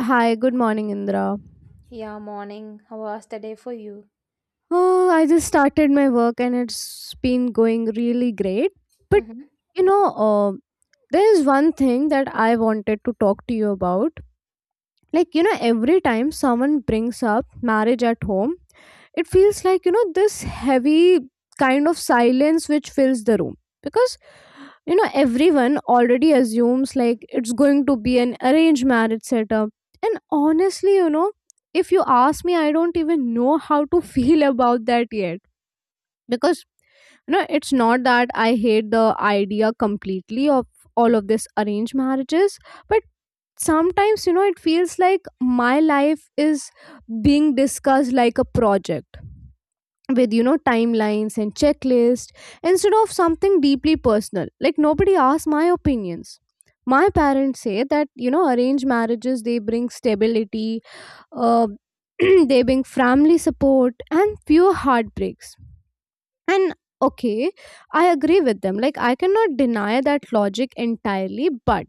Hi, good morning, Indra. Yeah, morning. How was the day for you? Oh, I just started my work and it's been going really great. But Hmm. you know, uh, there is one thing that I wanted to talk to you about. Every time someone brings up marriage at home, it feels like this heavy kind of silence which fills the room because everyone already assumes like it's going to be an arranged marriage setup. And honestly, if you ask me, I don't even know how to feel about that yet, because it's not that I hate the idea completely of all of this arranged marriages. But sometimes, it feels like my life is being discussed like a project, with timelines and checklist, instead of something deeply personal. Like, nobody asks my opinions. My parents say that arranged marriages, they bring stability, uh, they bring family support and fewer heartbreaks. And okay, I agree with them. Like, I cannot deny that logic entirely, but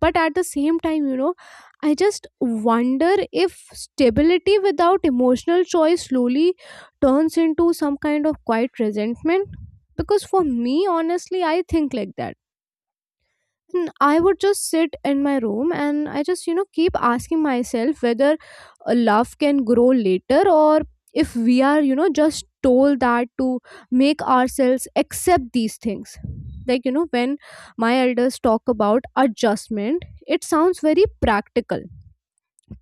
at the same time, I just wonder if stability without emotional choice slowly turns into some kind of quiet resentment. Because for me, honestly, I think like that I would just sit in my room and I just, keep asking myself whether a love can grow later, or if we are, just told that to make ourselves accept these things. When my elders talk about adjustment, it sounds very practical.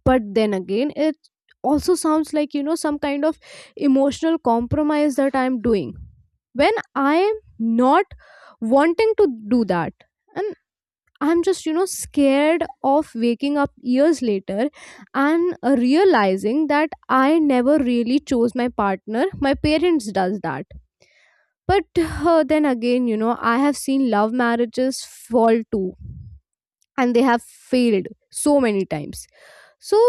But then again, it also sounds like, some kind of emotional compromise that I'm doing when I am not wanting to do that. And I'm just, scared of waking up years later and realizing that I never really chose my partner. My parents does that. But then again, I have seen love marriages fall too, and they have failed so many times. So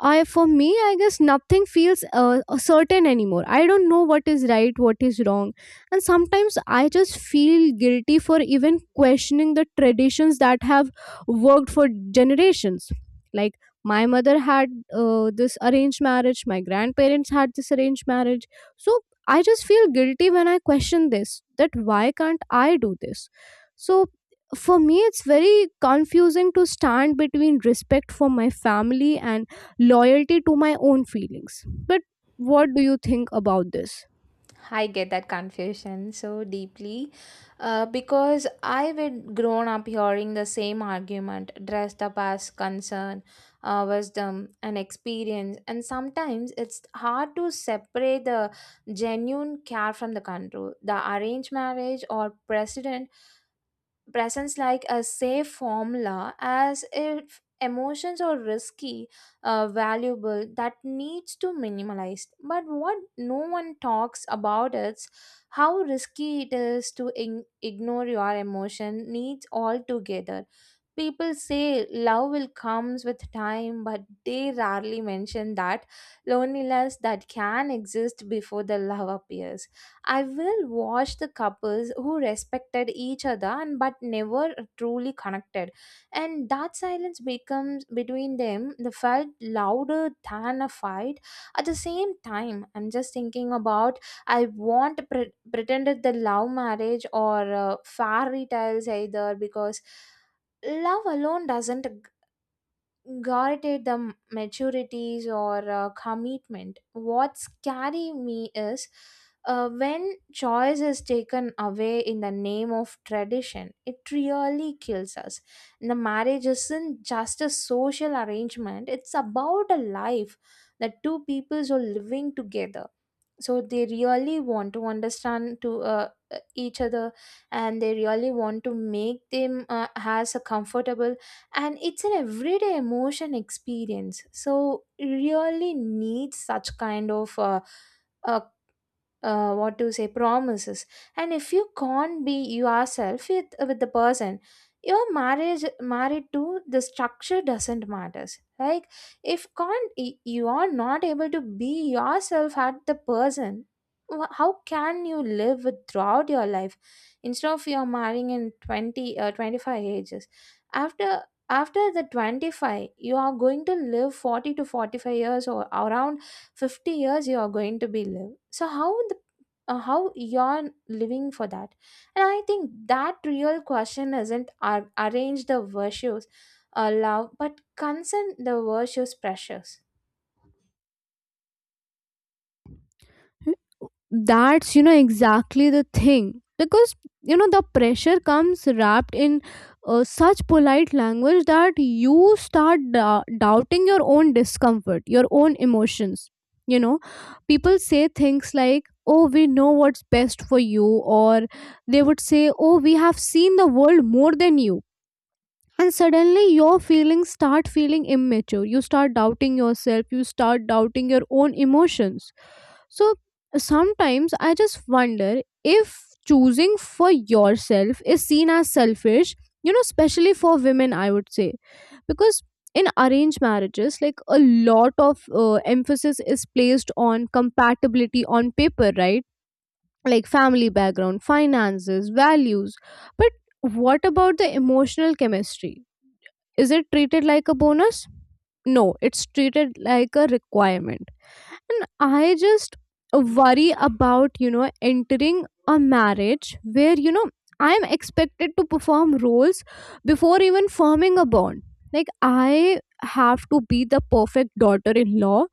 I for me, I guess nothing feels certain anymore. I don't know what is right, what is wrong, and sometimes I just feel guilty for even questioning the traditions that have worked for generations. Like, my mother had this arranged marriage, my grandparents had this arranged marriage, so I just feel guilty when I question this. That why can't I do this? So for me, it's very confusing to stand between respect for my family and loyalty to my own feelings. But what do you think about this? I get that confusion so deeply, because I would grown up hearing the same argument dressed up as concern, wisdom, and experience, and sometimes it's hard to separate the genuine care from the control. The arranged marriage or precedent presents like a safe formula as if emotions are risky, valuable that needs to minimalized, but what no one talks about is how risky it is to ignore your emotion needs altogether. People say love will comes with time, but they rarely mention that loneliness that can exist before the love appears. I will watch the couples who respected each other and but never truly connected, and that silence becomes between them the felt louder than a fight. At the same time, I'm just thinking about I want pretended the love marriage or fairy tales either because. Love alone doesn't guarantee the maturities or commitment. What's scary me is, when choice is taken away in the name of tradition, it really kills us. The marriage isn't just a social arrangement, it's about a life that two peoples are living together, so they really want to understand to each other, and they really want to make them as a comfortable, and it's an everyday emotion experience, so really needs such kind of a, what to say, promises. And if you can't be yourself with the person, your marriage married to the structure doesn't matters. Like if can't you are not able to be yourself at the person, how can you live with throughout your life, instead of you're marrying in 20 25 ages, after after the 25 you are going to live 40 to 45 years, or around 50 years you are going to be live. So how the, how you're living for that? And I think that real question isn't arrange the virtues, love, but concern the virtues pressures. That's, exactly the thing. Because, the pressure comes wrapped in such polite language that you start doubting your own discomfort, your own emotions. You know, people say things like, oh, we know what's best for you, or they would say, oh, we have seen the world more than you, and suddenly your feelings start feeling immature, you start doubting yourself, you start doubting your own emotions. So sometimes I just wonder if choosing for yourself is seen as selfish, especially for women, I would say. Because in arranged marriages, like, a lot of emphasis is placed on compatibility on paper, right? Like family background, finances, values. But what about the emotional chemistry? Is it treated like a bonus? No, it's treated like a requirement. And I just worry about, entering a marriage where, I'm expected to perform roles before even forming a bond. Like, I have to be the perfect daughter in law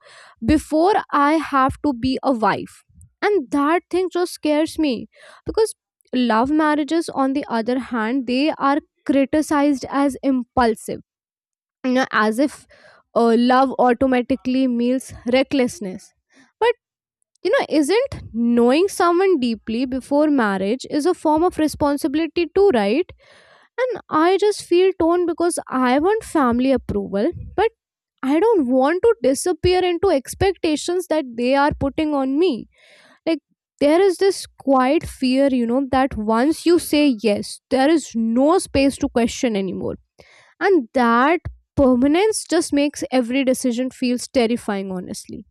before I have to be a wife. And that thing just scares me, because love marriages, on the other hand, they are criticized as impulsive, as if love automatically means recklessness. But isn't knowing someone deeply before marriage is a form of responsibility too, right? And I just feel torn because I want family approval, but I don't want to disappear into expectations that they are putting on me. Like, there is this quiet fear, that once you say yes, there is no space to question anymore. And that permanence just makes every decision feels terrifying, honestly.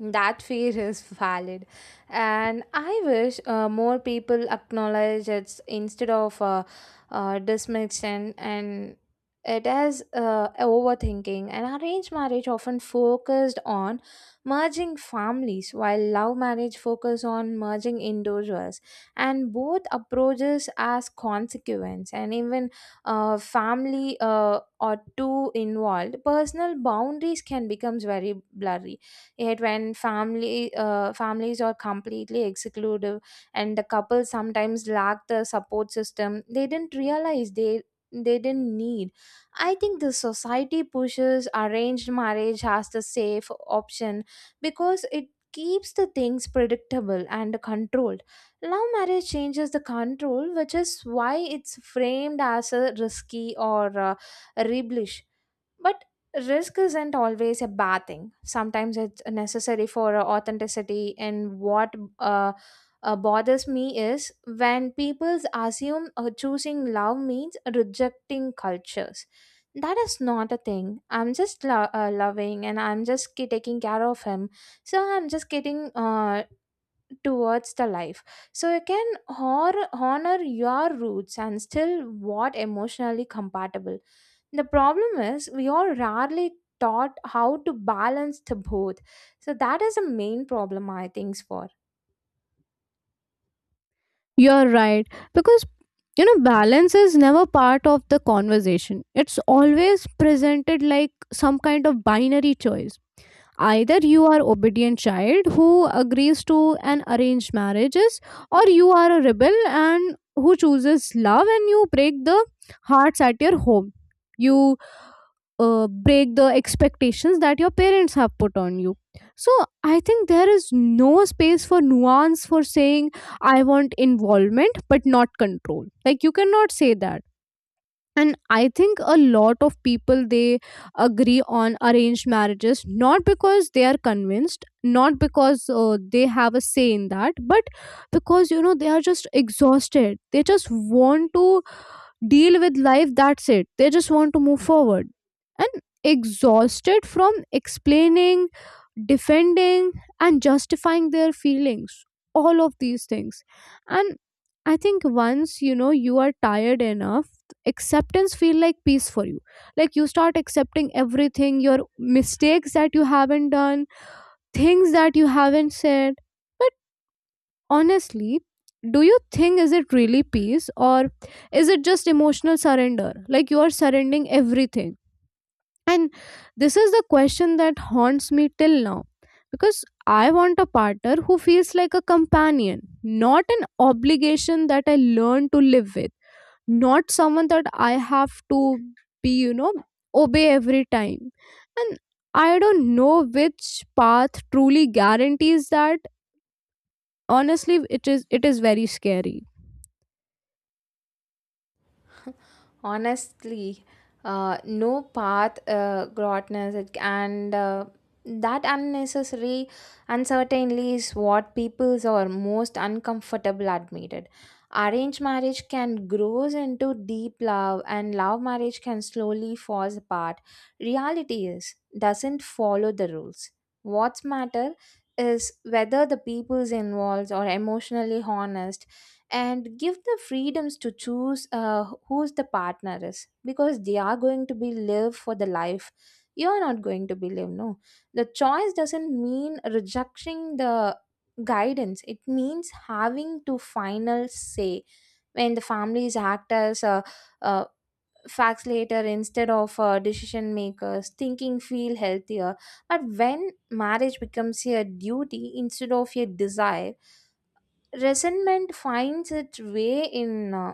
That fear is valid, and I wish more people acknowledge it instead of dismissing and it as overthinking. And arranged marriage often focused on merging families, while love marriage focus on merging individuals. And both approaches as consequence, and even family, or two involved, personal boundaries can becomes very blurry. Yet when family, families are completely exclusive and the couple sometimes lack the support system they didn't realize they didn't need. I think the society pushes arranged marriage as the safe option because it keeps the things predictable and controlled. Love marriage changes the control, which is why it's framed as a risky or rebellious. But risk isn't always a bad thing. Sometimes it's necessary for authenticity. And what uh, bothers me is when people assume choosing love means rejecting cultures. That is not a thing. I'm just loving, and I'm just taking care of him. So I'm just getting towards the life, so you can honor your roots and still what emotionally compatible. The problem is we are rarely taught how to balance the both, so that is a main problem I think for. You're right. Because, balance is never part of the conversation, it's always presented like some kind of binary choice. Either you are obedient child who agrees to an arranged marriages, or you are a rebel and who chooses love, and you break the hearts at your home. You break the expectations that your parents have put on you. So I think there is no space for nuance, for saying I want involvement but not control. Like, you cannot say that. And I think a lot of people, they agree on arranged marriages not because they are convinced, not because they have a say in that, but because they are just exhausted. They just want to deal with life, that's it. They just want to move forward, and exhausted from explaining, defending, and justifying their feelings, all of these things. And I think once you are tired enough, acceptance feel like peace for you. Like, you start accepting everything, your mistakes that you haven't done, things that you haven't said, honestly. Do you think is it really peace, or is it just emotional surrender, like you are surrendering everything? And this is the question that haunts me till now, because I want a partner who feels like a companion, not an obligation that I learn to live with, not someone that I have to be, obey every time. And I don't know which path truly guarantees that. Honestly, it is very scary. Honestly, no path grotness and that unnecessary uncertainty is what peoples are most uncomfortable admitted. Arranged marriage can grows into deep love, and love marriage can slowly falls apart. Reality is doesn't follow the rules. What's matter is whether the peoples involved are emotionally honest and give the freedoms to choose who's the partner is, because they are going to be live for the life. You're not going to be live. No, the choice doesn't mean rejecting the guidance, it means having to final say. When the families act as uh, facts later instead of decision makers, thinking feel healthier. But when marriage becomes a duty instead of a desire, resentment finds its way in.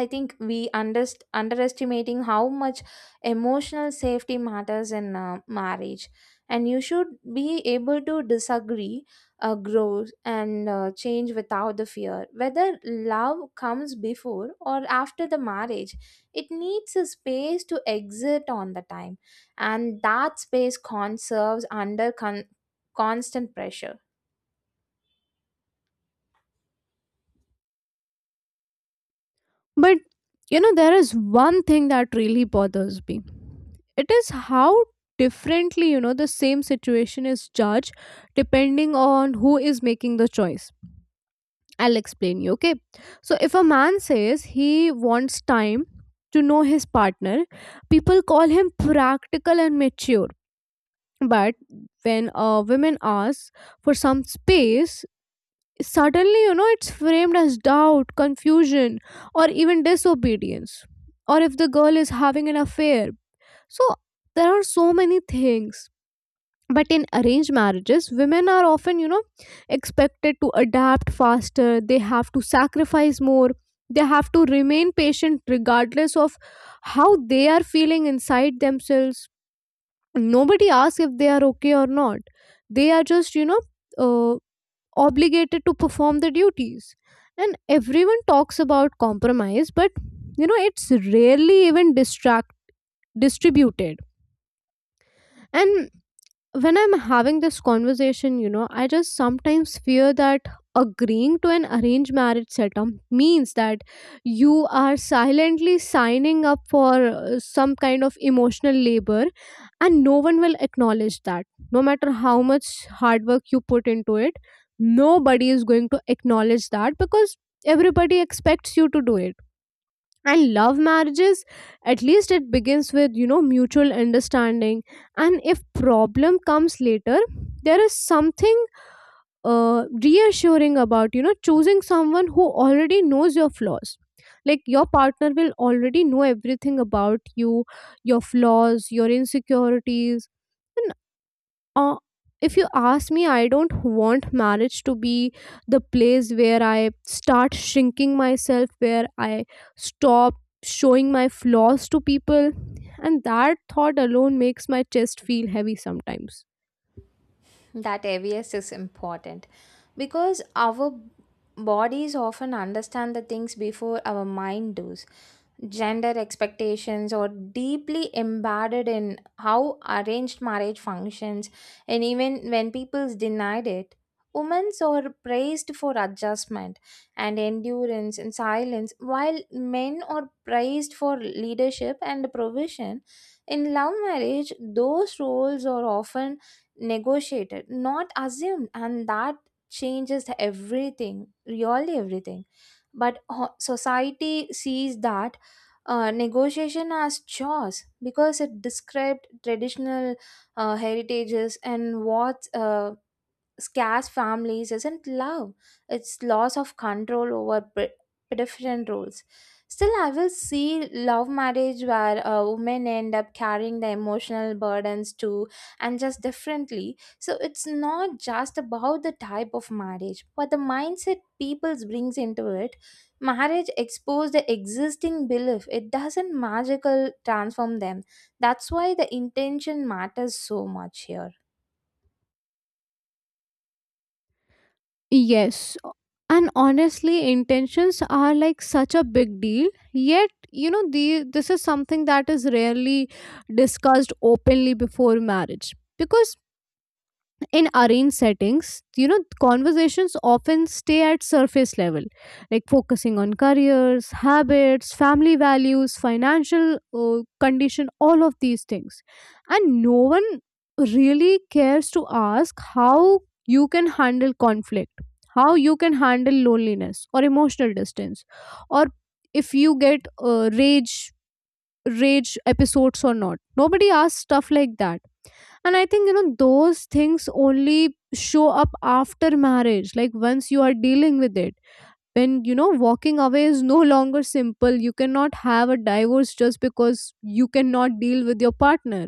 I think we underestimating how much emotional safety matters in marriage. And you should be able to disagree, grow and change without the fear whether love comes before or after the marriage. It needs a space to exit on the time, and that space conserves under constant pressure. But there is one thing that really bothers me. It is how differently the same situation is judged depending on who is making the choice. I'll explain you, okay? So if a man says he wants time to know his partner, people call him practical and mature. But when a woman asks for some space, suddenly it's framed as doubt, confusion, or even disobedience, or if the girl is having an affair. So there are so many things. But in arranged marriages, women are often, expected to adapt faster, they have to sacrifice more, they have to remain patient regardless of how they are feeling inside themselves. Nobody asks if they are okay or not. They are just, uh, obligated to perform the duties. And everyone talks about compromise, but it's rarely even distract distributed. And when I'm having this conversation, I just sometimes fear that agreeing to an arranged marriage setup means that you are silently signing up for some kind of emotional labor, and no one will acknowledge that. No matter how much hard work you put into it, nobody is going to acknowledge that, because everybody expects you to do it. And love marriages, at least it begins with mutual understanding. And if problem comes later, there is something reassuring about choosing someone who already knows your flaws. Like, your partner will already know everything about you, your flaws, your insecurities. uh, if you ask me, I don't want marriage to be the place where I start shrinking myself, where I stop showing my flaws to people. And that thought alone makes my chest feel heavy sometimes. That awareness is important, because our bodies often understand the things before our mind does. Gender expectations are deeply embedded in how arranged marriage functions, and even when people denied it, women are praised for adjustment and endurance and silence, while men are praised for leadership and provision. In love marriage, those roles are often negotiated, not assumed. And that changes everything, really everything. But society sees that negotiation as chores because it described traditional heritages, and what scarce families isn't love, it's loss of control over pedestrian rules. Still I will see love marriage where women end up carrying the emotional burdens too, and just differently. So it's not just about the type of marriage but the mindset people brings into it. Marriage exposes the existing belief, it doesn't magical transform them. That's why the intention matters so much here. Yes. And honestly, intentions are like such a big deal. Yet, this is something that is rarely discussed openly before marriage. Because in arranged settings, conversations often stay at surface level, like focusing on careers, habits, family values, financial condition, all of these things. And no one really cares to ask how you can handle conflict, how you can handle loneliness or emotional distance, or if you get rage episodes or not. Nobody asks stuff like that. And I think those things only show up after marriage, like once you are dealing with it, when walking away is no longer simple. You cannot have a divorce just because you cannot deal with your partner.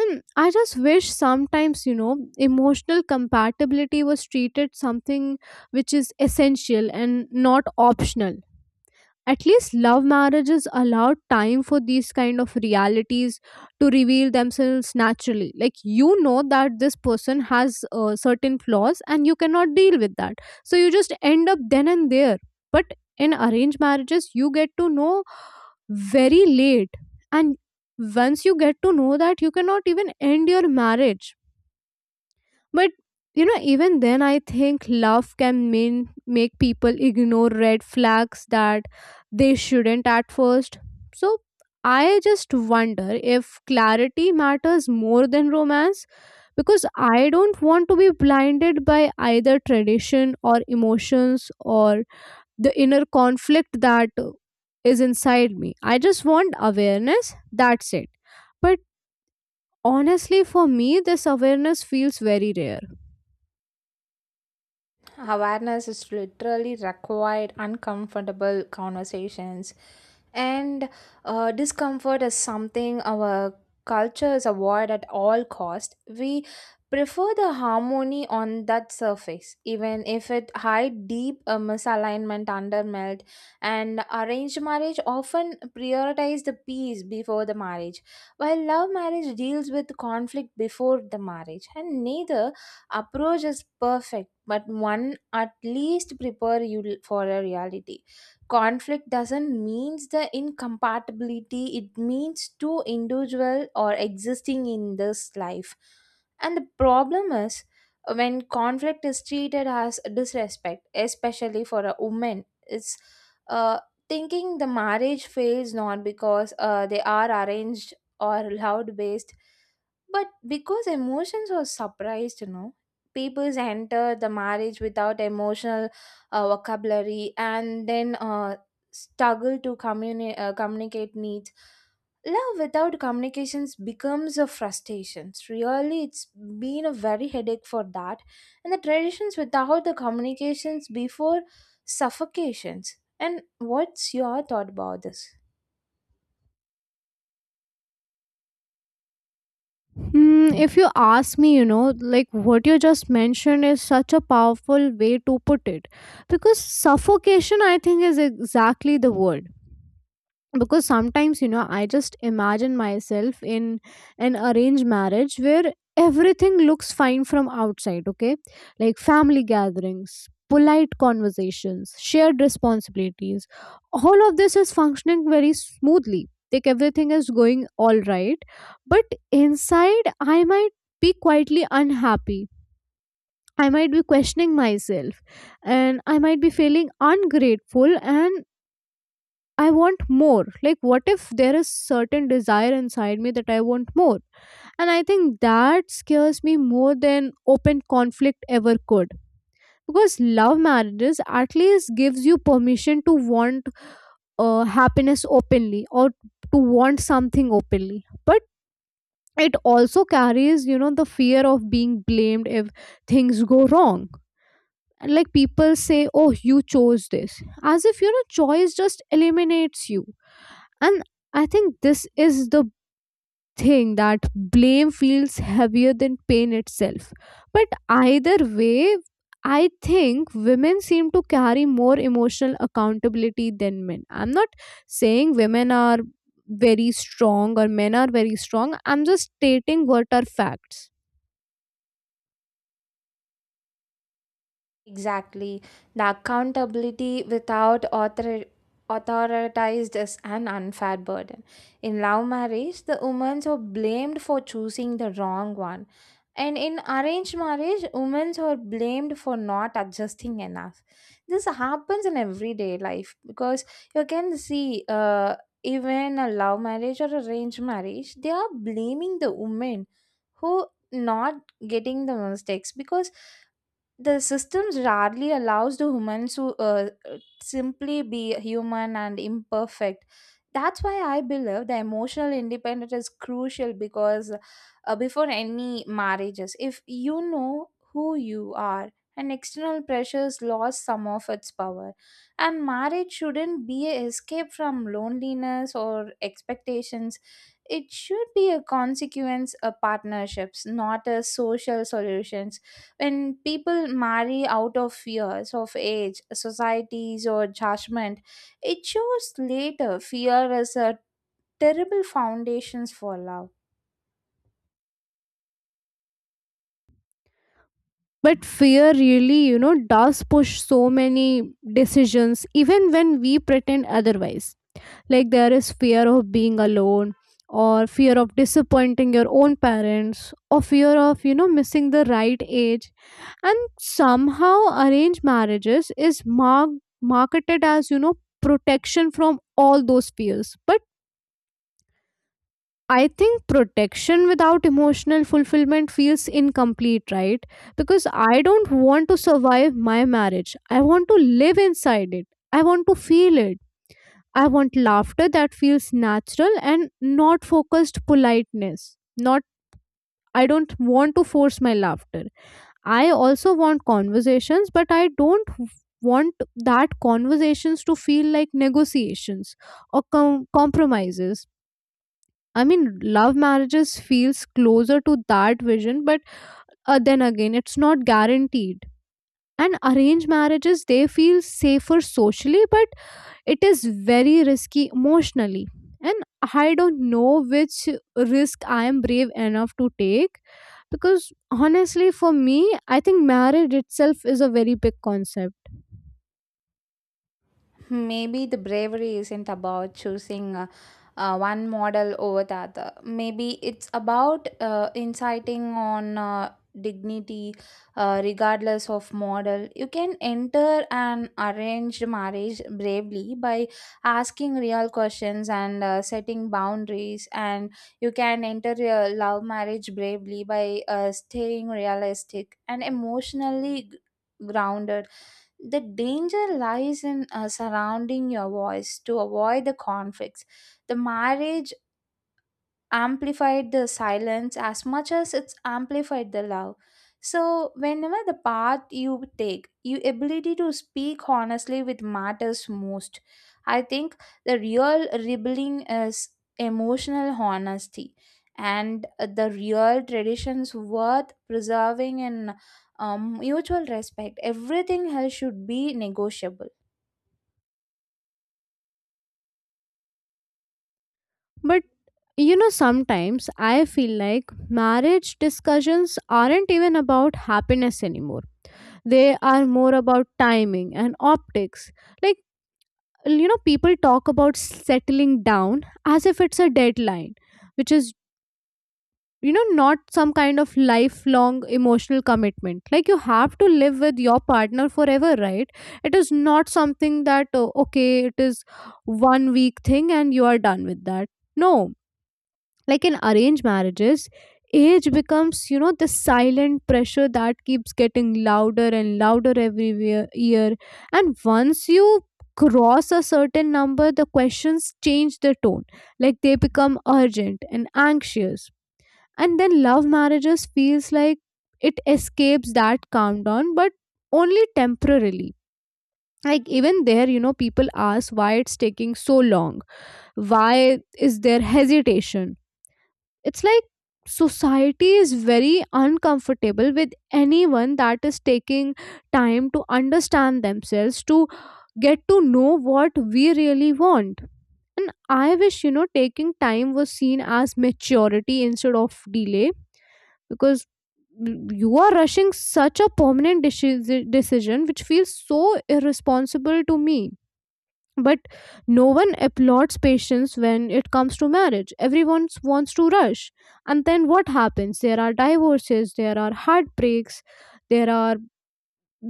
And I just wish sometimes, emotional compatibility was treated something which is essential and not optional. At least love marriages allow time for these kind of realities to reveal themselves naturally. Like, that this person has certain flaws and you cannot deal with that, so you just end up then and there. But in arranged marriages, you get to know very late. And once you get to know that, you cannot even end your marriage. But even then, I think love can mean make people ignore red flags that they shouldn't at first. So I just wonder if clarity matters more than romance, because I don't want to be blinded by either tradition or emotions or the inner conflict that is inside me. I just want awareness, that's it. But honestly, for me, this awareness feels very rare. Awareness is literally required, uncomfortable conversations. And discomfort is something our cultures avoid at all cost. We prefer the harmony on that surface, even if it hide deep misalignment under melt. And arranged marriage often prioritize the peace before the marriage, while love marriage deals with conflict before the marriage. And neither approach is perfect, but one at least prepare you for a reality. Conflict doesn't means the incompatibility, it means two individual or existing in this life. And the problem is, when conflict is treated as disrespect, especially for a woman, it's uh, thinking the marriage fails not because they are arranged or loud based, but because emotions are surprised, you know peoples enter the marriage without emotional vocabulary and then struggle to communicate needs. Love without communications becomes a frustration, really it's been a very headache for that. And the traditions without the communications before suffocations, and what's your thought about this? Hmm, if you ask me, you know, like what you just mentioned is such a powerful way to put it. Because suffocation, I think, is exactly the word, because sometimes, you know, I just imagine myself in an arranged marriage where everything looks fine from outside. Okay, like family gatherings, polite conversations, shared responsibilities, all of this is functioning very smoothly, like everything is going all right. But inside I might be quietly unhappy. I might be questioning myself, and I might be feeling ungrateful, and I want more. Like, what if there is certain desire inside me that I want more? And I think that scares me more than open conflict ever could. Because love marriages at least gives you permission to want happiness openly, or to want something openly. But it also carries, you know, the fear of being blamed if things go wrong. And like, people say, oh, you chose this. As if, you know, choice just eliminates you. And I think this is the thing, that blame feels heavier than pain itself. But either way, I think women seem to carry more emotional accountability than men. I'm not saying women are very strong or men are very strong. I'm just stating what are facts. Exactly. The accountability without authorized is an unfair burden. In love marriage, the women are blamed for choosing the wrong one. And in arranged marriage, women are blamed for not adjusting enough. This happens in everyday life because you can see even a love marriage or arranged marriage, they are blaming the women who not getting the mistakes, because the systems rarely allows the humans to simply be human and imperfect. That's why I believe the emotional independence is crucial, because before any marriages if you know who you are, and external pressures lost some of its power. And marriage shouldn't be a escape from loneliness or expectations, it should be a consequence of partnerships, not a social solutions. When people marry out of fears of age, societies, or judgment, it shows later fear as a terrible foundations for love. But fear, really, you know, does push so many decisions even when we pretend otherwise. Like, there is fear of being alone, or fear of disappointing your own parents, or fear of, you know, missing the right age. And somehow arranged marriages is marked marketed as, you know, protection from all those fears. But I think protection without emotional fulfillment feels incomplete, right? Because I don't want to survive my marriage. I want to live inside it. I want to feel it. I want laughter that feels natural and not focused politeness. Not, I don't want to force my laughter. I also want conversations, but I don't want that conversations to feel like negotiations or compromises. I mean, love marriages feels closer to that vision, but then again, it's not guaranteed. And arranged marriages, they feel safer socially, but it is very risky emotionally. And I don't know which risk I am brave enough to take, because honestly, for me, I think marriage itself is a very big concept. Maybe the bravery isn't about choosing one model over the other. Maybe it's about inciting on dignity, regardless of model. You can enter an arranged marriage bravely by asking real questions and setting boundaries, and you can enter a love marriage bravely by staying realistic and emotionally grounded. The danger lies in surrounding your voice to avoid the conflicts. The marriage amplified the silence as much as it's amplified the love, so whenever the path you take, your ability to speak honestly with matters most. I think the real rebelling is emotional honesty, and the real traditions worth preserving and mutual respect. Everything else should be negotiable. But you know, sometimes I feel like marriage discussions aren't even about happiness anymore. They are more about timing and optics. Like, you know, people talk about settling down as if it's a deadline, which is, you know, not some kind of lifelong emotional commitment. Like, you have to live with your partner forever, right? It is not something that, oh, okay, it is one week thing and you are done with that. No. Like in arranged marriages, age becomes, you know, the silent pressure that keeps getting louder and louder every year. And once you cross a certain number, the questions change the tone. Like, they become urgent and anxious. And then love marriages feels like it escapes that countdown, but only temporarily. Like, even there, you know, people ask why it's taking so long, why is there hesitation. It's like society is very uncomfortable with anyone that is taking time to understand themselves, to get to know what we really want. And I wish, you know, taking time was seen as maturity instead of delay, because you are rushing such a permanent decision, which feels so irresponsible to me. But no one applauds patience when it comes to marriage. Everyone wants to rush. And then what happens? There are divorces, there are heartbreaks, there are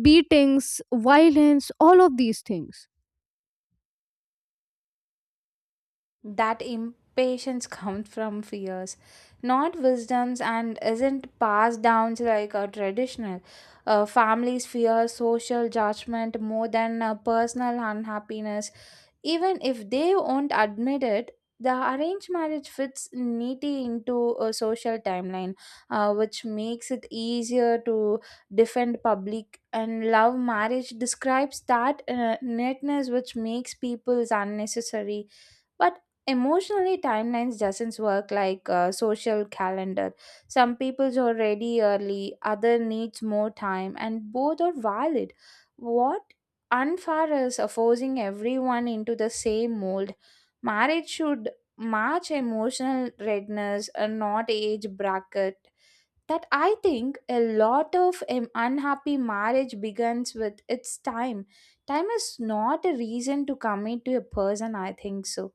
beatings, violence, all of these things. That impatience comes from fears, not wisdoms, and isn't passed down like a traditional. Families fear social judgment more than personal unhappiness, even if they won't admit it. The arranged marriage fits neatly into a social timeline, which makes it easier to defend public, and love marriage describes that neatness which makes people's unnecessary. But emotionally timelines doesn't work like a social calendar. Some people's already early, other needs more time, and both are valid. What unfair is forcing everyone into the same mold. Marriage should match emotional readiness and not age bracket. That I think a lot of unhappy marriage begins with its time. Time is not a reason to commit to a person I think so.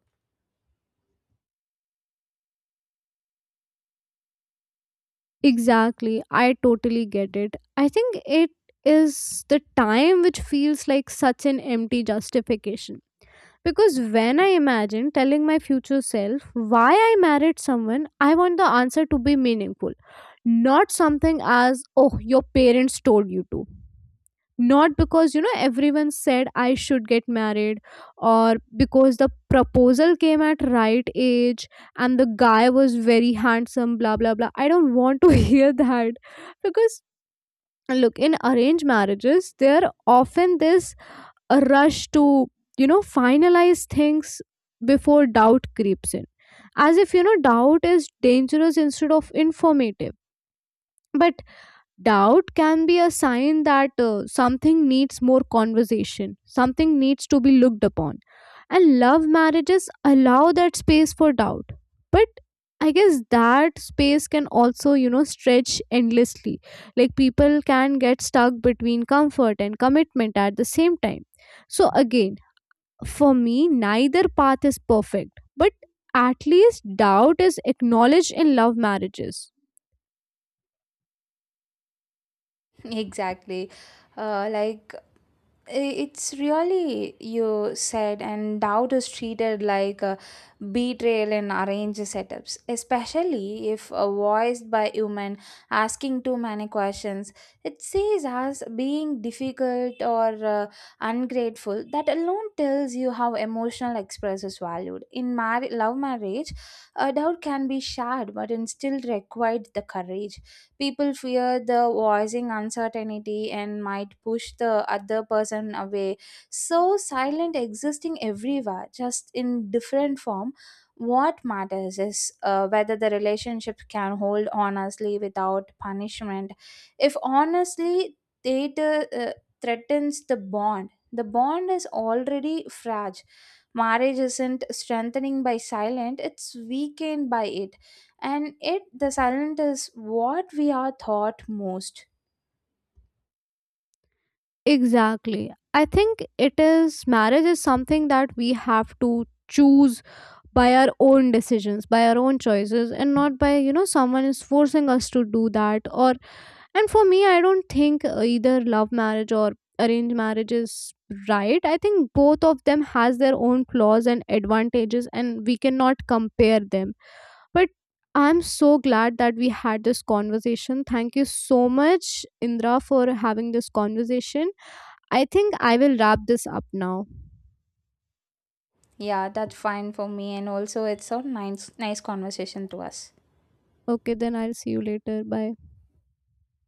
Exactly, I totally get it. I think it is the time which feels like such an empty justification. Because when I imagine telling my future self why I married someone, I want the answer to be meaningful. Not something as, oh, your parents told you to. Not because, you know, everyone said I should get married, or because the proposal came at right age and the guy was very handsome, blah, blah, blah. I don't want to hear that. Because, look, in arranged marriages, there are often this a rush to, you know, finalize things before doubt creeps in, as if, you know, doubt is dangerous instead of informative. But doubt can be a sign that something needs more conversation, something needs to be looked upon. And love marriages allow that space for doubt. But I guess that space can also, you know, stretch endlessly. Like, people can get stuck between comfort and commitment at the same time. So again, for me, neither path is perfect, but at least doubt is acknowledged in love marriages. Exactly. Like it's really you said, and doubt is treated like a betrayal in arranged setups, especially if voiced by human asking too many questions. It sees us being difficult or ungrateful. That alone tells you how emotional express is valued. In love marriage, a doubt can be shared, but it still required the courage. People fear the voicing uncertainty and might push the other person away. So, silent existing everywhere, just in different form. What matters is whether the relationship can hold honestly without punishment. If honestly, it threatens the bond. The bond is already fragile. Marriage isn't strengthening by silent, it's weakened by it, and it the silent is what we are thought most. Exactly. I think it is, marriage is something that we have to choose by our own decisions, by our own choices, and not by, you know, someone is forcing us to do that. Or, and for me, I don't think either love marriage or arranged marriage is right. I think both of them has their own flaws and advantages, and we cannot compare them. But I'm so glad that we had this conversation. Thank you so much, Indra, for having this conversation. I think I will wrap this up now. Yeah, that's fine for me, and also it's a nice conversation to us. Okay, then I'll see you later. Bye.